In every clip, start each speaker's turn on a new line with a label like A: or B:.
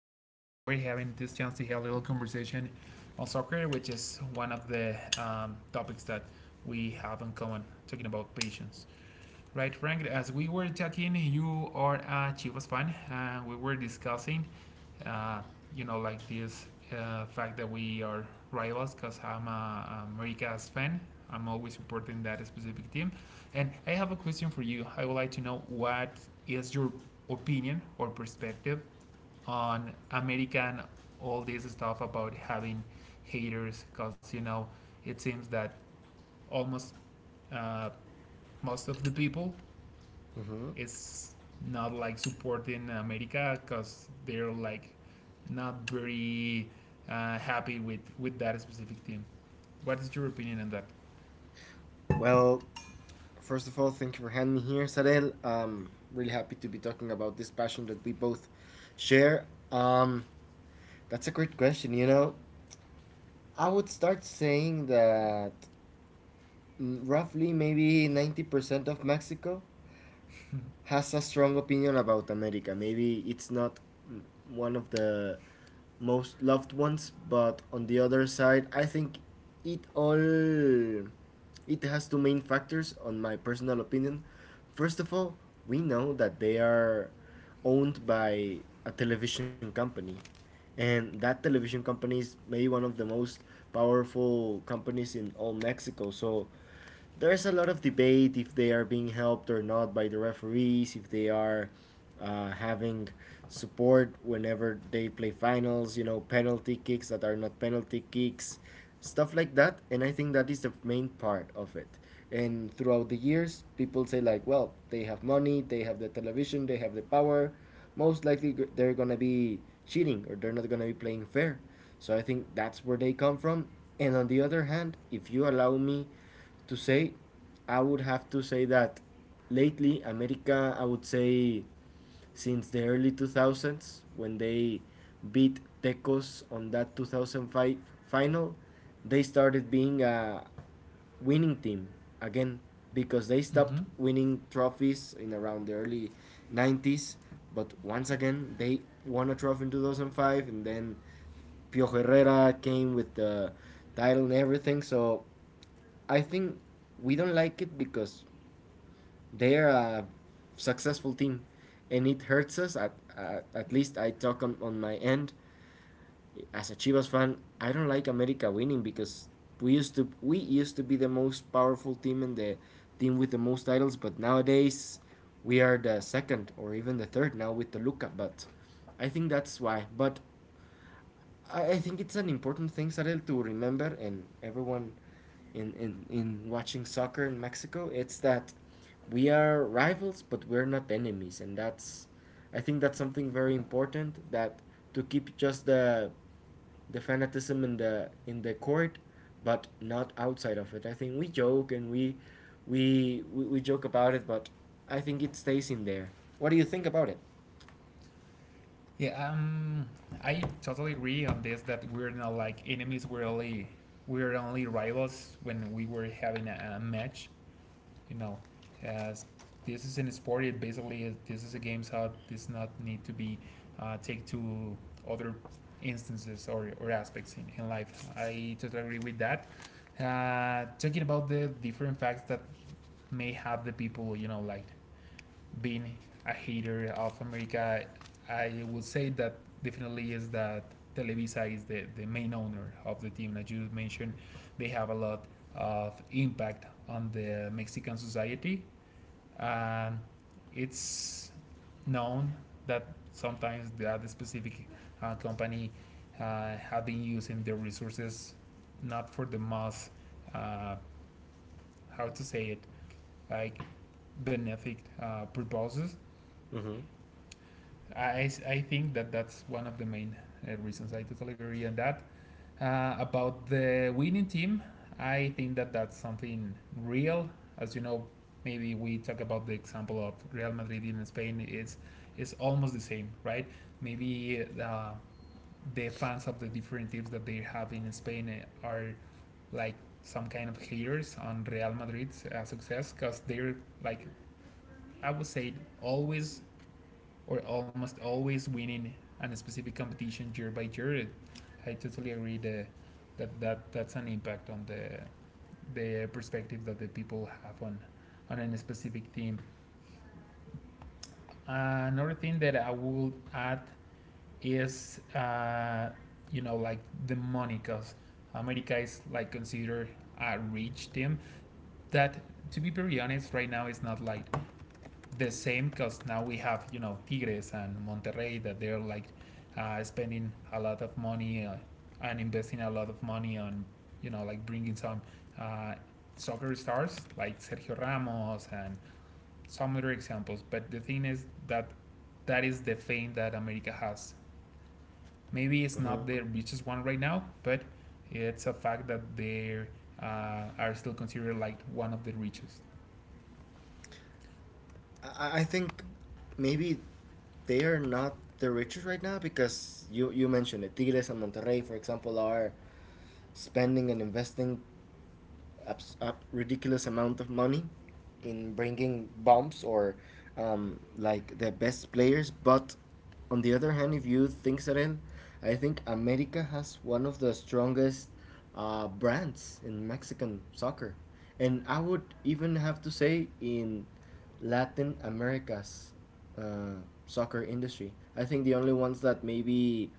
A: We're having this chance to have a little conversation on soccer, which is one of the topics that we have in common, talking about patience. Right, Frank, as we were talking, you are a Chivas fan, and we were discussing, uh, like this fact that we are rivals because I'm a America's fan. I'm always supporting that specific team. And I have a question for you. I would like to know what is your opinion or perspective on American, all this stuff about having haters, because it seems that almost uh, most of the people,
B: Mm-hmm.
A: it's not like supporting America because they're like not very happy with that specific team. What is your opinion on that?
B: Well, first of all, thank you for having me here, Sarel. Really happy to be talking about this passion that we both share. That's a great question. You know, I would start saying that roughly maybe 90% of Mexico has a strong opinion about America. Maybe it's not one of the most loved ones, but on the other side, I think it all it has two main factors on my personal opinion. First of all, we know that they are owned by a television company, and that television company is maybe one of the most powerful companies in all Mexico. So there's a lot of debate if they are being helped or not by the referees, if they are having support whenever they play finals, you know, penalty kicks that are not penalty kicks, stuff like that. And I think that is the main part of it. And throughout the years, people say, like, well, they have money, they have the television, they have the power. Most likely they're going to be cheating, or they're not going to be playing fair. So I think that's where they come from. And on the other hand, if you allow me to say, I would have to say that lately, America, I would say since the early 2000s, when they beat Tecos on that 2005 final, they started being a winning team again, because they
A: Mm-hmm.
B: stopped winning trophies in around the early 90s. But once again, they won a trophy in 2005, and then Pio Herrera came with the title and everything. So I think we don't like it because they're a successful team and it hurts us. At least I talk on my end. As a Chivas fan, I don't like America winning because we used to be the most powerful team and the team with the most titles, but nowadays we are the second or even the third now with Toluca. But I think that's why. But I think it's an important thing, Sarel, to remember, and everyone in watching soccer in Mexico, it's that we are rivals, but we're not enemies. And I think that's something very important that to keep just the fanatism in the court, but not outside of it. I think we joke, and we joke about it, but I think it stays in there. What do you think about it?
A: Yeah, I totally agree on this that we're not like enemies. We're only rivals when we were having a match. you know, as this is in sport, it basically is, this is a game, so it does not need to be take to other instances or aspects in life. I totally agree with that. Talking about the different facts that may have the people, like being a hater of America, I would say that definitely is that Televisa is the main owner of the team that you mentioned. They have a lot of impact on the Mexican society. Um, it's known that sometimes that specific company have been using their resources not for the most uh, how to say it, like benefic purposes.
B: Mm-hmm.
A: I think that that's one of the main reasons. I totally agree on that. About the winning team, I think that that's something real. As you know, maybe we talk about the example of Real Madrid in Spain. It's almost the same, right? Maybe the fans of the different teams that they have in Spain are like some kind of haters on Real Madrid's success, because they're like, I would say, always or almost always winning on a specific competition year by year. I totally agree that that's an impact on the perspective that the people have on a specific team. Another thing that I will add is like the money, because America is like considered a rich team that, to be very honest, right now is not like the same, because now we have, Tigres and Monterrey that they're like spending a lot of money, and investing a lot of money on, like bringing some uh, soccer stars like Sergio Ramos and some other examples. But the thing is that that is the fame that America has. Maybe it's
B: Mm-hmm.
A: not the richest one right now, but it's a fact that they are still considered like one of the richest.
B: I think maybe they are not the richest right now, because you mentioned it. Tigres and Monterrey, for example, are spending and investing a ridiculous amount of money in bringing bumps or like the best players. But on the other hand, if you think so, then I think America has one of the strongest brands in Mexican soccer, and I would even have to say in Latin America's soccer industry. I think the only ones that maybe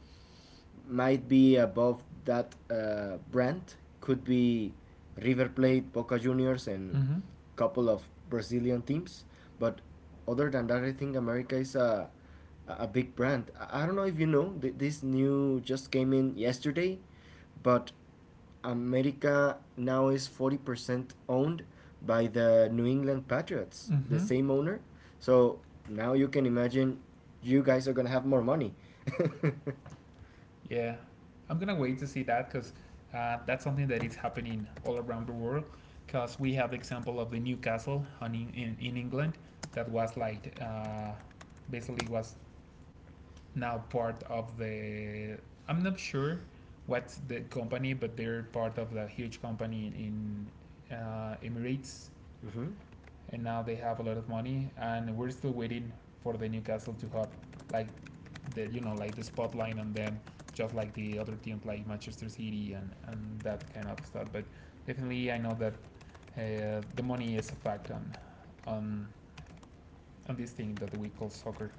B: might be above that brand could be River Plate, Boca Juniors, and
A: Mm-hmm.
B: a couple of Brazilian teams. But other than that, I think America is a big brand. I don't know if you know this new just came in yesterday, but America now is 40% owned by the New England Patriots, the
A: Mm-hmm.
B: same owner. So now you can imagine you guys are gonna have more money.
A: Yeah, I'm gonna wait to see that because that's something that is happening all around the world. Because we have the example of the Newcastle on, in England that was like basically was now part of the. I'm not sure what's the company, but they're part of the huge company in Emirates,
B: hmm
A: and now they have a lot of money, and we're still waiting for the Newcastle to have, like, the, spotlight on them, just like the other teams like Manchester City and that kind of stuff. But definitely, I know that the money is a fact on on this thing that we call soccer.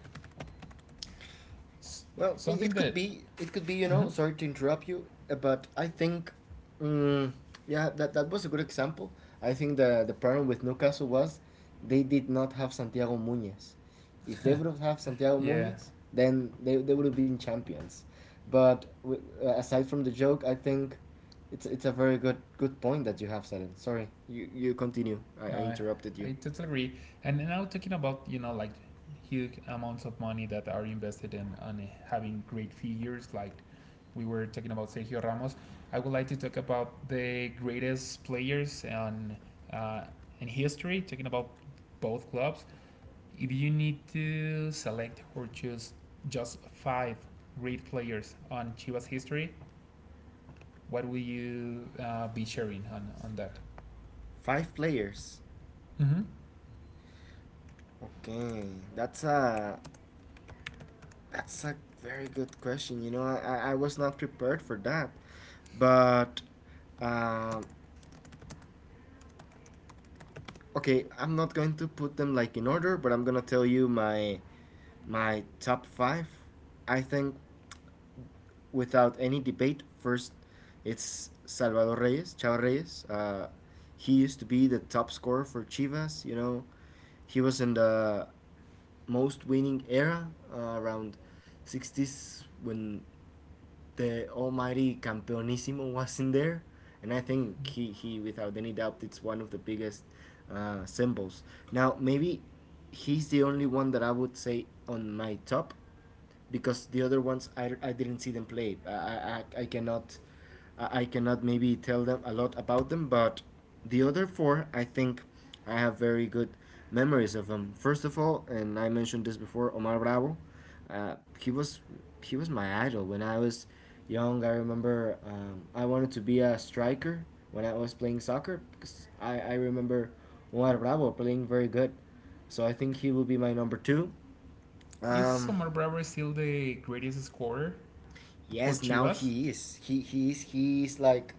A: S-
B: Well,
A: Something that,
B: it could be, you
A: mm-hmm.
B: know. Sorry to interrupt you, but I think, mm yeah, that that was a good example. I think the problem with Newcastle was they did not have Santiago Muñez. If they would have had Santiago
A: Yeah,
B: Muñez, then they would have been champions. But aside from the joke, I think it's a very good point that you have, Salen. Sorry, you continue. I
A: no,
B: interrupted you.
A: totally agree. And now, talking about, like huge amounts of money that are invested in, on having great figures, like we were talking about Sergio Ramos. I would like to talk about the greatest players on uh, in history. Talking about both clubs, if you need to select or choose just five great players on Chivas history, what will you be sharing on that?
B: Five players.
A: Mm-hmm.
B: Okay, that's a That's a very good question. You know, I was not prepared for that. But, um, okay, I'm not going to put them like in order, but I'm gonna tell you my top five. I think without any debate, first it's Salvador Reyes, Chava Reyes. He used to be the top scorer for Chivas. You know, he was in the most winning era around 60s when the almighty Campeonissimo was in there, and I think he without any doubt, it's one of the biggest symbols. Now, maybe he's the only one that I would say on my top, because the other ones I didn't see them play. I cannot maybe tell them a lot about them, but the other four I think I have very good memories of them. First of all, and I mentioned this before, Omar Bravo. Uh, he was he was my idol when I was young. I remember I wanted to be a striker when I was playing soccer because I remember Omar Bravo playing very good. So I think he will be my number two.
A: Is
B: Um,
A: Omar Bravo still the greatest scorer for
B: Yes, now
A: Chivas?
B: he is. Like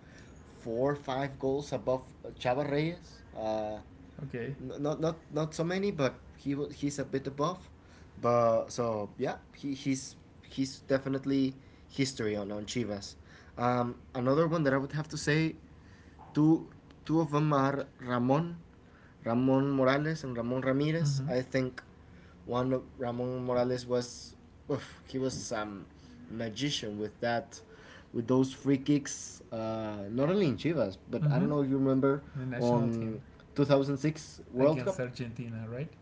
B: four or five goals above Chava Reyes.
A: Okay.
B: Not so many, but he's a bit above. But so yeah, he's definitely history on Chivas. Another one that I would have to say two two of them are Ramon Morales and Ramon Ramirez.
A: Mm-hmm.
B: I think one of Ramon Morales was oof, he was some magician with that with those free kicks not only in Chivas, but I
A: Mm-hmm.
B: don't know if you remember
A: The national team
B: on 2006 World
A: against
B: Cup
A: Argentina, right?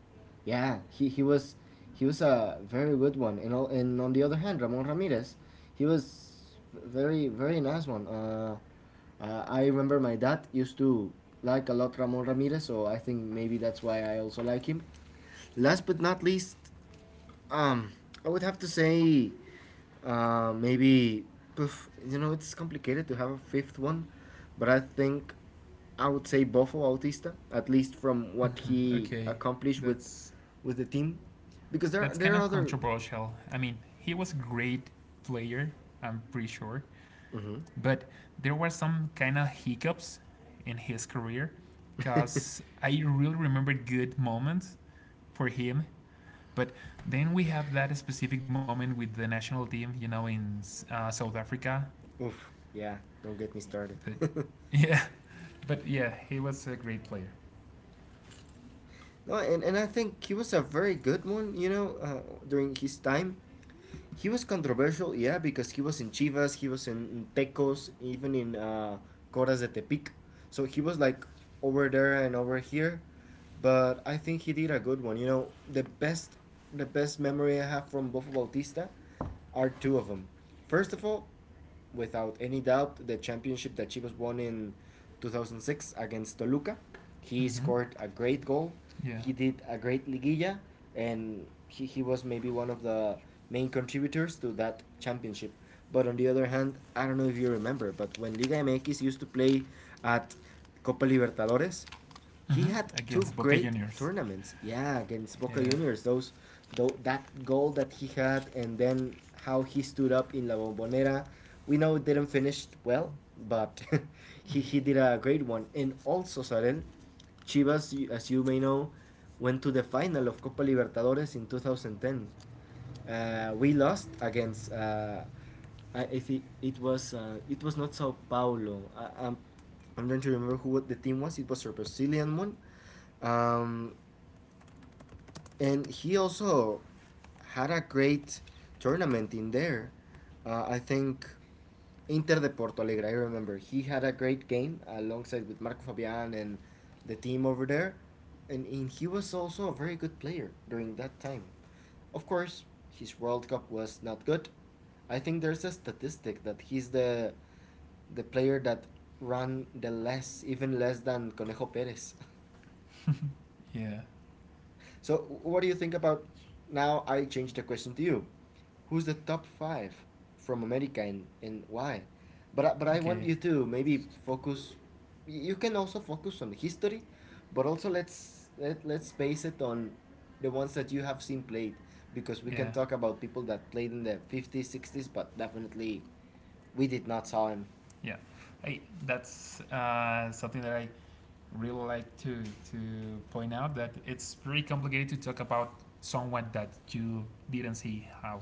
B: yeah, he was a very good one. And, all, and on the other hand, Ramon Ramirez, he was very very nice one. I remember my dad used to like a lot Ramon Ramirez, so I think maybe that's why I also like him. Last but not least, um, I would have to say, maybe poof, you know, it's complicated to have a fifth one, but I think I would say Bofo Autista, at least from what he
A: Okay.
B: accomplished with
A: That's
B: the team, because
A: kind
B: there are
A: of
B: other.
A: controversial. I mean, he was a great player, I'm pretty sure.
B: Hmm
A: But there were some kind of hiccups in his career because I really remember good moments for him. But then we have that specific moment with the national team, in South Africa.
B: Oof, yeah, don't get me started.
A: But yeah, but yeah, he was a great player.
B: No, and I think he was a very good one, you know, during his time. He was controversial, yeah, because he was in Chivas, he was in Tecos, even in Coras de Tepic. So he was like over there and over here, but I think he did a good one. You know, the best memory I have from Bofo Bautista are two of them. First of all, without any doubt the championship that Chivas won in 2006 against Toluca. He
A: Mm-hmm.
B: scored a great goal.
A: Yeah.
B: He did a great liguilla, and he was maybe one of the main contributors to that championship. But on the other hand, I don't know if you remember, but when Liga MX used to play at Copa Libertadores, he
A: Mm-hmm.
B: had two
A: Against Boca
B: great
A: Juniors.
B: tournaments. Yeah, against Boca
A: Yeah,
B: Juniors, those, though that goal that he had, and then how he stood up in La Bombonera. We know it didn't finish well, but he did a great one. And also, Sarel, Chivas, as you may know, went to the final of Copa Libertadores in 2010. We lost against. Uh, I think it was not Sao Paulo. I'm trying to remember who the team was. It was a Brazilian one, um, and he also had a great tournament in there. I think Inter de Porto Alegre. I remember he had a great game alongside with Marco Fabian and the team over there, and he was also a very good player during that time. Of course, his World Cup was not good. I think there's a statistic that he's the player that ran the less, even less than Conejo Perez.
A: yeah,
B: So, what do you think about now? I change the question to you. Who's the top five from America, and why? But but I want
A: okay,
B: you to maybe focus. You can also focus on history, but also let's base it on the ones that you have seen played, because we can
A: yeah,
B: talk about people that played in the 50s, 60s, but definitely we did not saw him.
A: yeah. Hey, that's something that I really like to point out, that it's pretty complicated to talk about someone that you didn't see how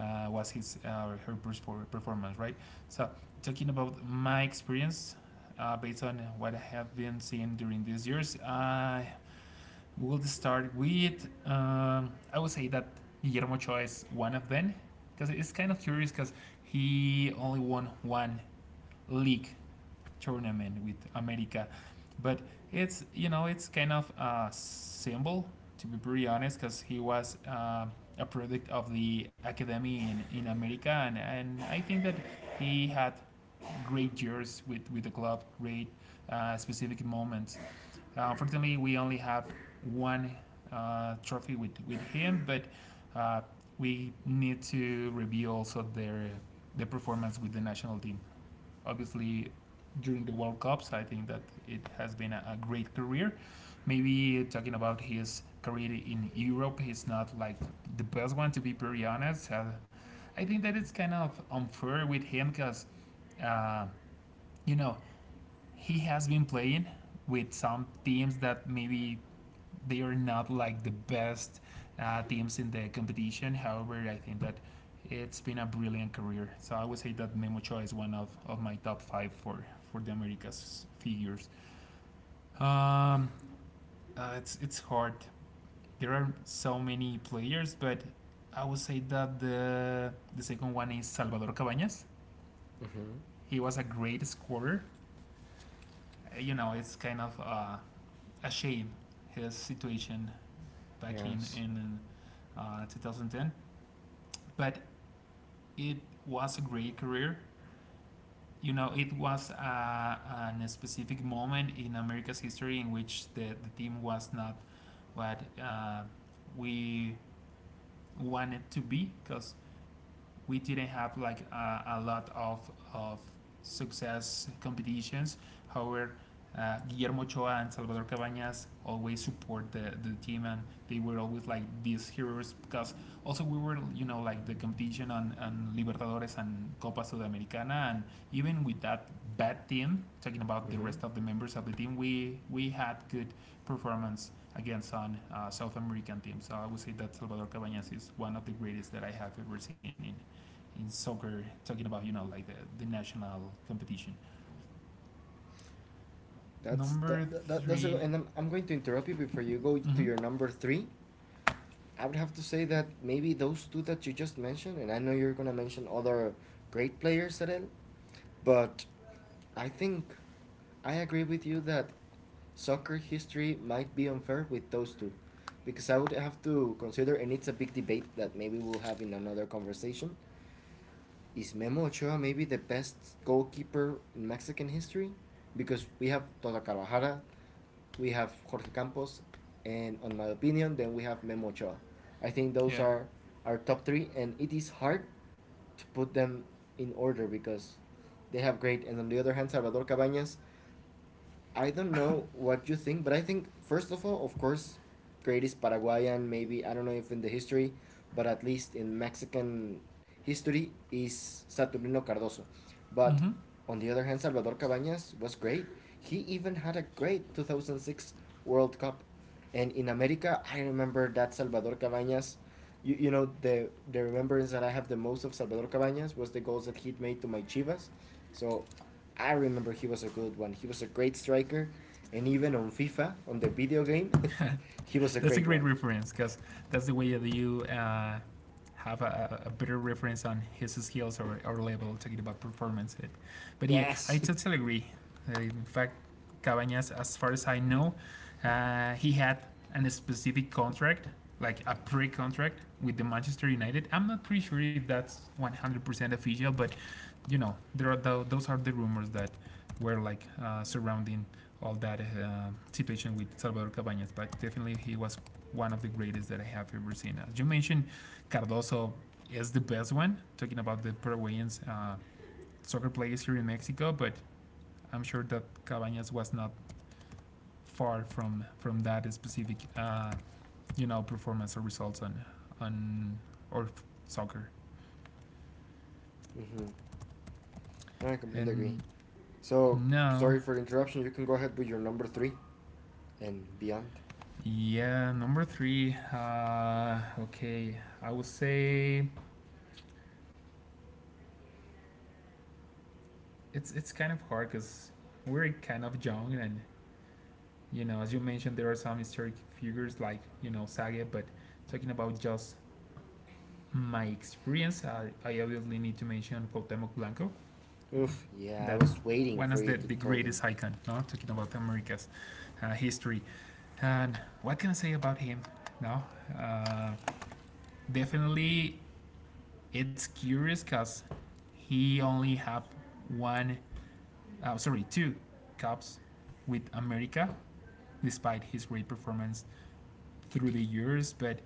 A: was his, her performance, right? So talking about my experience, based on what I have been seeing during these years, I we'll start with, I would say that Guillermo Ochoa is one of them, because it's kind of curious because he only won one league tournament with America, but it's, kind of a symbol, to be pretty honest, because he was a product of the academy in America, and, I think that he had great years with the club, great, specific moments. Unfortunately, we only have one trophy with him, but uh, we need to review also the performance with the national team. Obviously, during the World Cups, I think that it has been a great career. Maybe talking about his career in Europe, he's not like the best one, to be very honest. I think that it's kind of unfair with him, because uh, you know he has been playing with some teams that maybe they are not like the best teams in the competition. However, I think that it's been a brilliant career. So I would say that Memo Ochoa is one of my top five for, the Americas figures. Um, it's hard. There are so many players, but I would say that the second one is Salvador Cabañas.
B: Mm-hmm.
A: He was a great scorer. It's kind of a shame, his situation back in
B: Yes.
A: in 2010. But it was a great career. It was a specific moment in America's history in which the team was not what we wanted to be, because we didn't have like a lot of success competitions. However, Guillermo Choa and Salvador Cabañas always support the team, and they were always like these heroes, because also we were, like the competition on Libertadores and Copa Sudamericana, and even with that bad team, talking about the
B: Mm-hmm.
A: rest of the members of the team, we had good performance against, on South American teams. So I would say that Salvador Cabañas is one of the greatest that I have ever seen in soccer, talking about, like the national competition.
B: That's
A: Number
B: that that's a,
A: 3.
B: and I'm going to interrupt you before you go to
A: Mm-hmm.
B: your number three. I would have to say that maybe those two that you just mentioned, and I know you're gonna mention other great players, Adel, but I think I agree with you that soccer history might be unfair with those two, because I would have to consider, and it's a big debate that maybe we'll have in another conversation. Is Memo Ochoa maybe the best goalkeeper in Mexican history? Because we have Tota Carvajal, we have Jorge Campos, and on my opinion, then we have Memo Ochoa. I think those
A: Yeah.
B: are our top three, and it is hard to put them in order because they have great. And on the other hand, Salvador Cabañas. I don't know what you think, but I think first of all, of course, greatest Paraguayan, maybe I don't know if in the history, but at least in Mexican history is Saturnino Cardozo. But
A: Mm-hmm.
B: on the other hand, Salvador Cabañas was great. He even had a great 2006 World Cup. And in America, I remember that Salvador Cabañas. The remembrance that I have the most of Salvador Cabañas was the goals that he'd made to my Chivas. So I remember he was a good one. He was a great striker. And even on FIFA, on the video game, he was a
A: That's a
B: great
A: great
B: one.
A: reference, because that's the way that you have a better reference on his skills, or level, talking about performance. But yeah, I
B: Yes.
A: totally agree. In fact, Cabañas, as far as I know, he had a specific contract, like a pre-contract with the Manchester United. I'm not pretty sure if that's 100% official, but, there are those are the rumors that were like surrounding all that situation with Salvador Cabañas, but definitely he was one of the greatest that I have ever seen. As you mentioned, Cardoso is the best one, talking about the Paraguayans, soccer players here in Mexico, but I'm sure that Cabañas was not far from that specific, performance or results on soccer.
B: Hmm, I completely agree.
A: And
B: So,
A: now.
B: sorry for the interruption. You can go ahead with your number three and beyond.
A: Yeah, number three. Okay, I would say it's kind of hard, because we're kind of young, and, as you mentioned, there are some historic figures like, Sage. But talking about just my experience, I obviously need to mention Cuauhtémoc Blanco.
B: Oof. Yeah, I
A: That
B: was waiting
A: one
B: for
A: is
B: you to
A: the
B: tell
A: greatest
B: him.
A: icon. No, talking about America's history, and what can I say about him? No, uh, definitely, it's curious because he only have one, two cups with America, despite his great performance through the years. But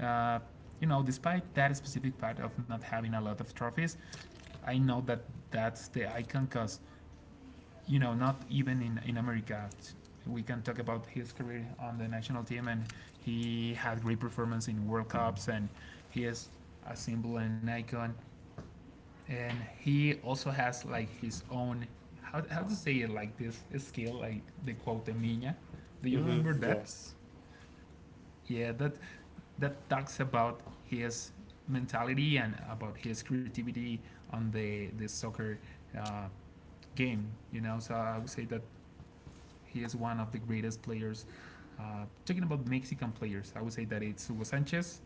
A: uh, despite that specific fact of not having a lot of trophies, I know that that's the icon, because, not even in America. We can talk about his career on the national team, and he had great performance in World Cups, and he is a symbol and an icon, and he also has like his own, how to say it like this skill, like the quote mina. Do you remember
B: Mm-hmm.
A: that?
B: Yes.
A: Yeah, that talks about his mentality and about his creativity on the soccer uh, game. You know, so I would say that he is one of the greatest players. Talking about Mexican players, I would say that it's Hugo Sanchez,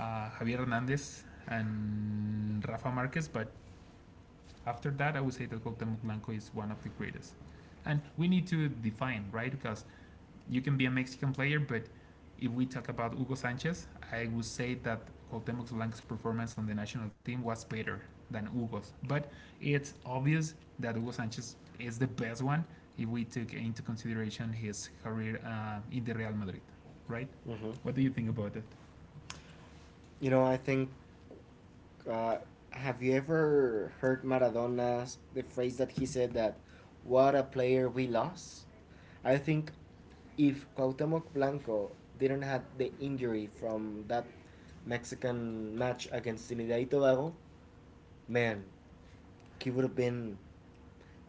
A: Javier Hernandez, and Rafa Marquez, but after that, I would say that Cuauhtemoc Blanco is one of the greatest. And we need to define, right? Because you can be a Mexican player, but if we talk about Hugo Sanchez, I would say that Cuauhtemoc Blanco's performance on the national team was better than Hugo's. But it's obvious that Hugo Sanchez is the best one if we took into consideration his career in the Real Madrid, right?
B: Mm-hmm.
A: What do you think about it?
B: You know, I think Uh, have you ever heard Maradona's the phrase that he said that what a player we lost? I think if Cuauhtemoc Blanco didn't have the injury from that Mexican match against Trinidad and Tobago, man, he would have been.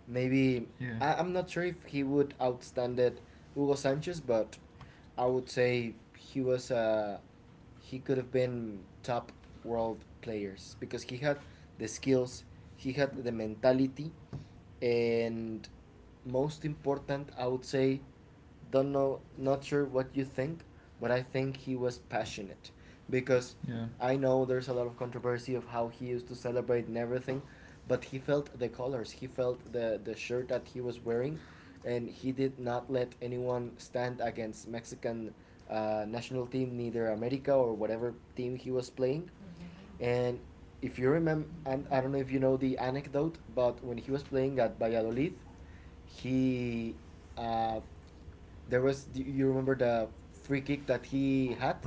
B: Maybe
A: Yeah,
B: I'm not sure if he would outstand it Hugo Sanchez, but I would say he was he could have been top world players because he had the skills, he had the mentality, and most important I would say don't know not sure what you think but I think he was passionate because
A: yeah.
B: I know there's a lot of controversy of how he used to celebrate and everything but he felt the colors, he felt the shirt that he was wearing and he did not let anyone stand against Mexican national team, neither America or whatever team he was playing. And if you remember, and I don't know if you know the anecdote, but when he was playing at Valladolid, he uh, there was do you remember the free kick that he had,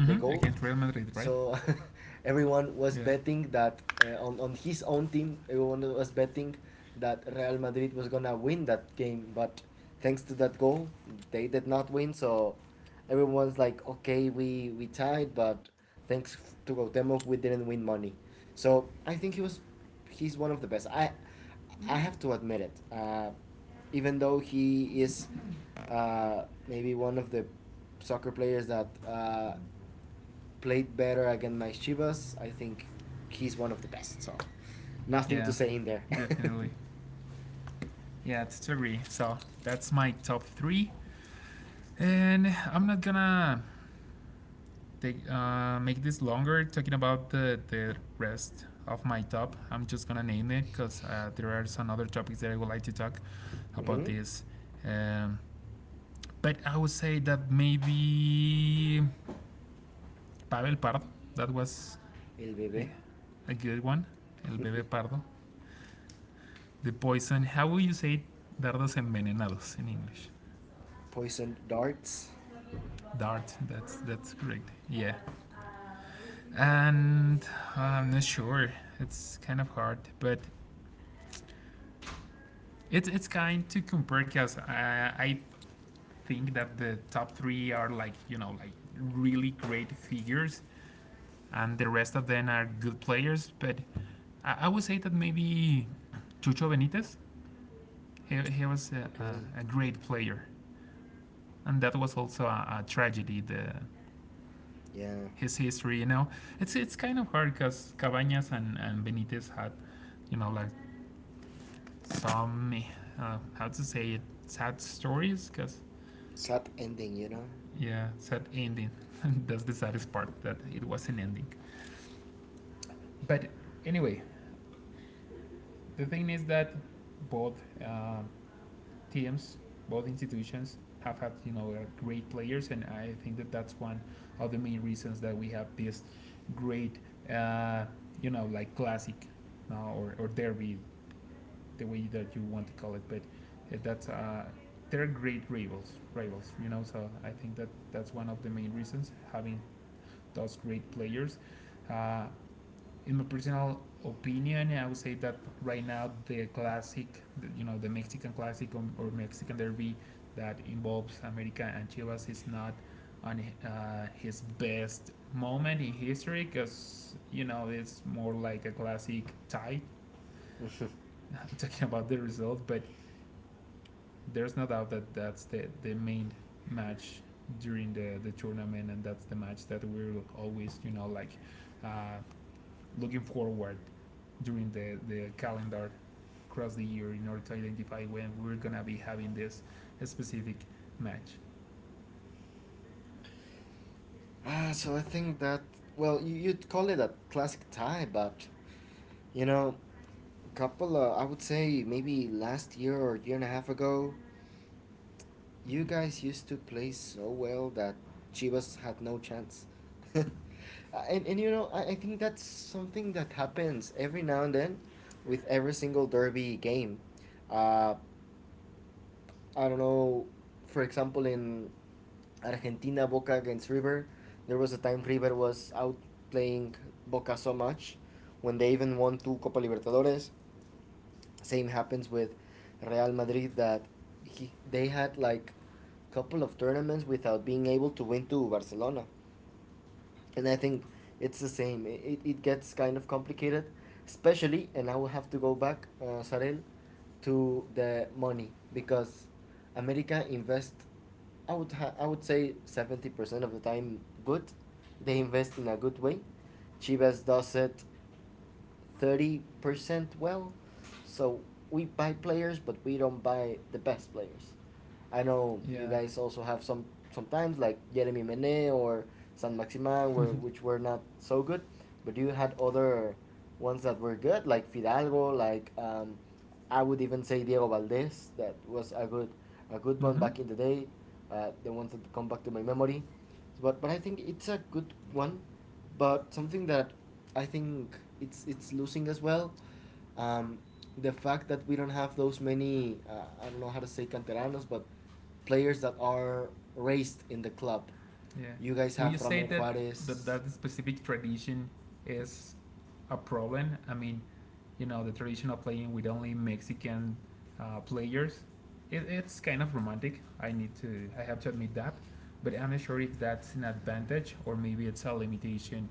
B: the goal.
A: Against Real Madrid, right?
B: So everyone was
A: Yeah,
B: betting that on his own team, everyone was betting that Real Madrid was gonna win that game. But thanks to that goal, they did not win. So everyone's like, okay, we tied, but thanks to Gautemo, we didn't win money. So I think he was he's one of the best. I have to admit it. Even though he is uh, maybe one of the soccer players that played better against my Chivas. I think he's one of the best. So nothing
A: yeah,
B: to say in there.
A: definitely. Yeah, to agree. So that's my top three, and I'm not gonna take make this longer talking about the rest of my top. I'm just gonna name it because there are some other topics that I would like to talk about
B: Mm-hmm.
A: this. Um, but I would say that maybe Pavel Pardo. That was
B: El
A: a,
B: bebé,
A: a good one. El bebé pardo. The poison. How would you say dardos envenenados in English?
B: poisoned darts.
A: Dart. That's correct. Yeah. And I'm not sure. It's kind of hard, but it's kind to compare because I think that the top three are like, you know, like really great figures, and the rest of them are good players. But I would say that maybe Chucho Benitez, he was
B: Okay.
A: a great player, and that was also a tragedy. The
B: Yeah.
A: his history, you know, it's kind of hard because Cabañas and Benitez had, you know, like some how to say it, sad stories because
B: Sad ending, you know.
A: yeah, sad ending. That's the saddest part, that it was an ending, but anyway, the thing is that both teams, both institutions have had, you know, great players, and I think that that's one of the main reasons that we have this great uh, you know, like classic now, or derby, the way that you want to call it, but that's they're great rivals, rivals, you know. So I think that that's one of the main reasons, having those great players. Uh, in my personal opinion, I would say that right now the classic, the, you know, the Mexican classic or Mexican derby that involves America and Chivas is not on his best moment in history, because you know, it's more like a classic tie. I'm talking about the result, but there's no doubt that that's the main match during the tournament, and that's the match that we're always, you know, like uh, looking forward during the calendar across the year in order to identify when we're gonna be having this specific match.
B: Ah, so I think that well, you'd call it a classic tie, but you know, couple of I would say maybe last year or year and a half ago, you guys used to play so well that Chivas had no chance. and, and you know, I think that's something that happens every now and then with every single derby game. Uh, I don't know, for example, in Argentina, Boca against River, there was a time River was outplaying Boca so much when they even won two Copa Libertadores. Same happens with Real Madrid that he, they had like a couple of tournaments without being able to win to Barcelona. And I think it's the same. It gets kind of complicated, especially, and I will have to go back, Sarel, to the money because America invest, I would say 70% of the time good. They invest in a good way. Chivas does it 30% well. So we buy players, but we don't buy the best players. I know you
A: Yeah.
B: guys also have some sometimes like Jeremy Mene or San Maximan, were which were not so good, but you had other ones that were good, like Fidalgo, like I would even say Diego Valdez, that was a good one
A: Mm-hmm.
B: back in the day. The ones that come back to my memory, but I think it's a good one, but something that I think it's losing as well um, the fact that we don't have those many, I don't know how to say canteranos, but players that are raised in the club.
A: Yeah.
B: You guys
A: Will you
B: have
A: say
B: Ramon
A: that that,
B: Juarez.
A: that specific tradition is a problem? I mean, you know, the tradition of playing with only Mexican players. It, it's kind of romantic. I need to I have to admit that, but I'm not sure if that's an advantage or maybe it's a limitation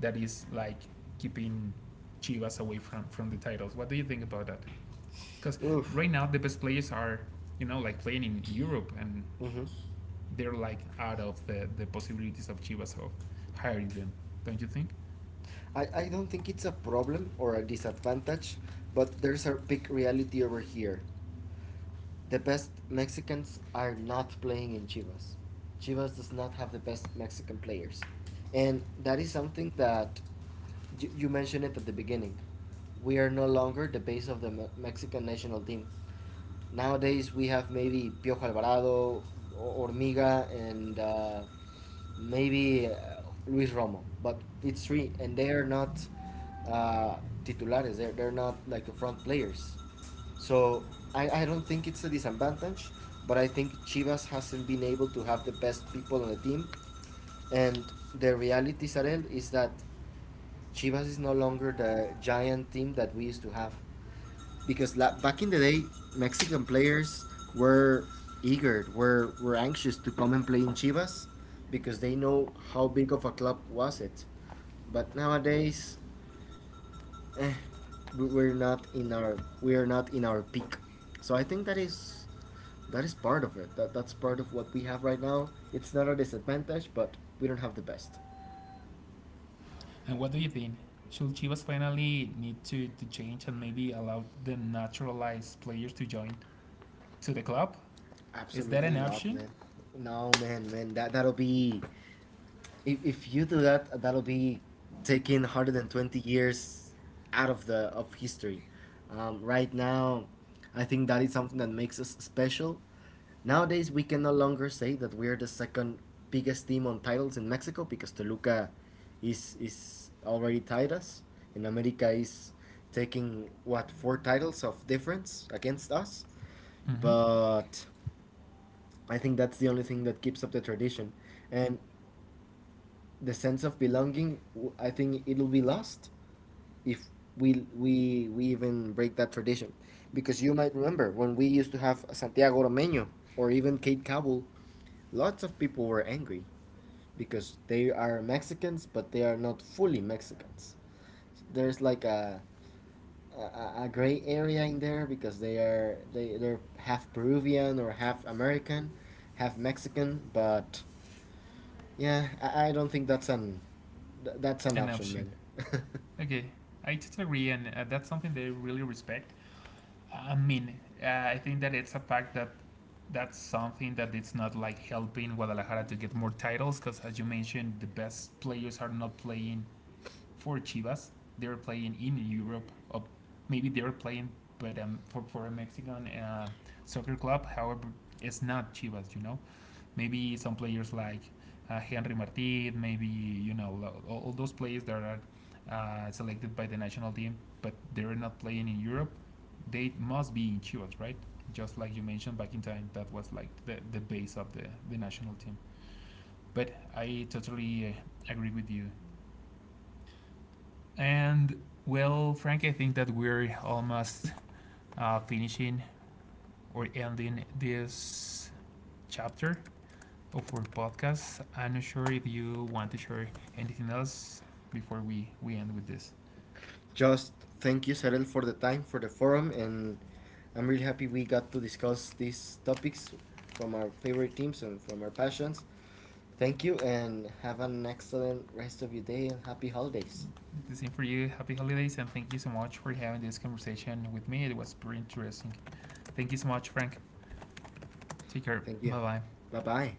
A: that is like keeping Chivas away from the titles. What do you think about that? Because
B: Oof.
A: right now the best players are, you know, like playing in Europe, and
B: Hmm.
A: they're like out of the possibilities of Chivas of hiring them. Don't you think?
B: I don't think it's a problem or a disadvantage, but there's a big reality over here. The best Mexicans are not playing in Chivas. Chivas does not have the best Mexican players. And that is something that you mentioned it at the beginning. We are no longer the base of the Me- Mexican national team. Nowadays, we have maybe Piojo Alvarado, O- Ormiga, and maybe Luis Romo. But it's three, and they are not uh, titulares. They're not like the front players. So I don't think it's a disadvantage, but I think Chivas hasn't been able to have the best people on the team. And the reality, Sarel, is that Chivas is no longer the giant team that we used to have. Because back in the day, Mexican players were eager, were anxious to come and play in Chivas because they know how big of a club was it. But nowadays, eh, we are not in our peak. So I think that is part of it. That that's part of what we have right now. It's not a disadvantage, but we don't have the best.
A: And what do you think? Should Chivas finally need to change and maybe allow the naturalized players to join to the club? Is that
B: Absolutely
A: an
B: not,
A: option?
B: man. No, man, man. That that'll be if you do that, that'll be taking 120 years out of the of history. Right now, I think that is something that makes us special. Nowadays, we can no longer say that we are the second biggest team on titles in Mexico because Toluca is already tied us, and America is taking what four titles of difference against us.
A: Mm-hmm.
B: But I think that's the only thing that keeps up the tradition. And the sense of belonging I think it'll be lost if we even break that tradition because you might remember when we used to have Santiago Romeño or even Kate Cabul, lots of people were angry because they are Mexicans but they are not fully Mexicans. There's like a a gray area in there because they are they're half Peruvian or half American, half Mexican, but yeah I don't think that's an
A: An
B: option,
A: option.
B: man.
A: Okay, I totally agree, and that's something they really respect. I mean, I think that it's a fact that that's something that it's not like helping Guadalajara to get more titles because, as you mentioned, the best players are not playing for Chivas. They're playing in Europe. Maybe they're playing, but for a Mexican soccer club, however, it's not Chivas. You know, maybe some players like Henry Martin, maybe you know all those players that are selected by the national team, but they're not playing in Europe. They must be in Chivas, right? Just like you mentioned back in time, that was like the base of the national team. But I totally agree with you, and well, Frank, I think that we're almost finishing or ending this chapter of our podcast. I'm not sure if you want to share anything else before we end with this.
B: Just thank you, Sarel, for the time, for the forum, and I'm really happy we got to discuss these topics from our favorite teams and from our passions. Thank you, and have an excellent rest of your day and happy holidays.
A: The same for you. Happy holidays and thank you so much for having this conversation with me. It was pretty interesting. Thank you so much, Frank. Take care.
B: Thank you.
A: Bye bye.
B: Bye bye.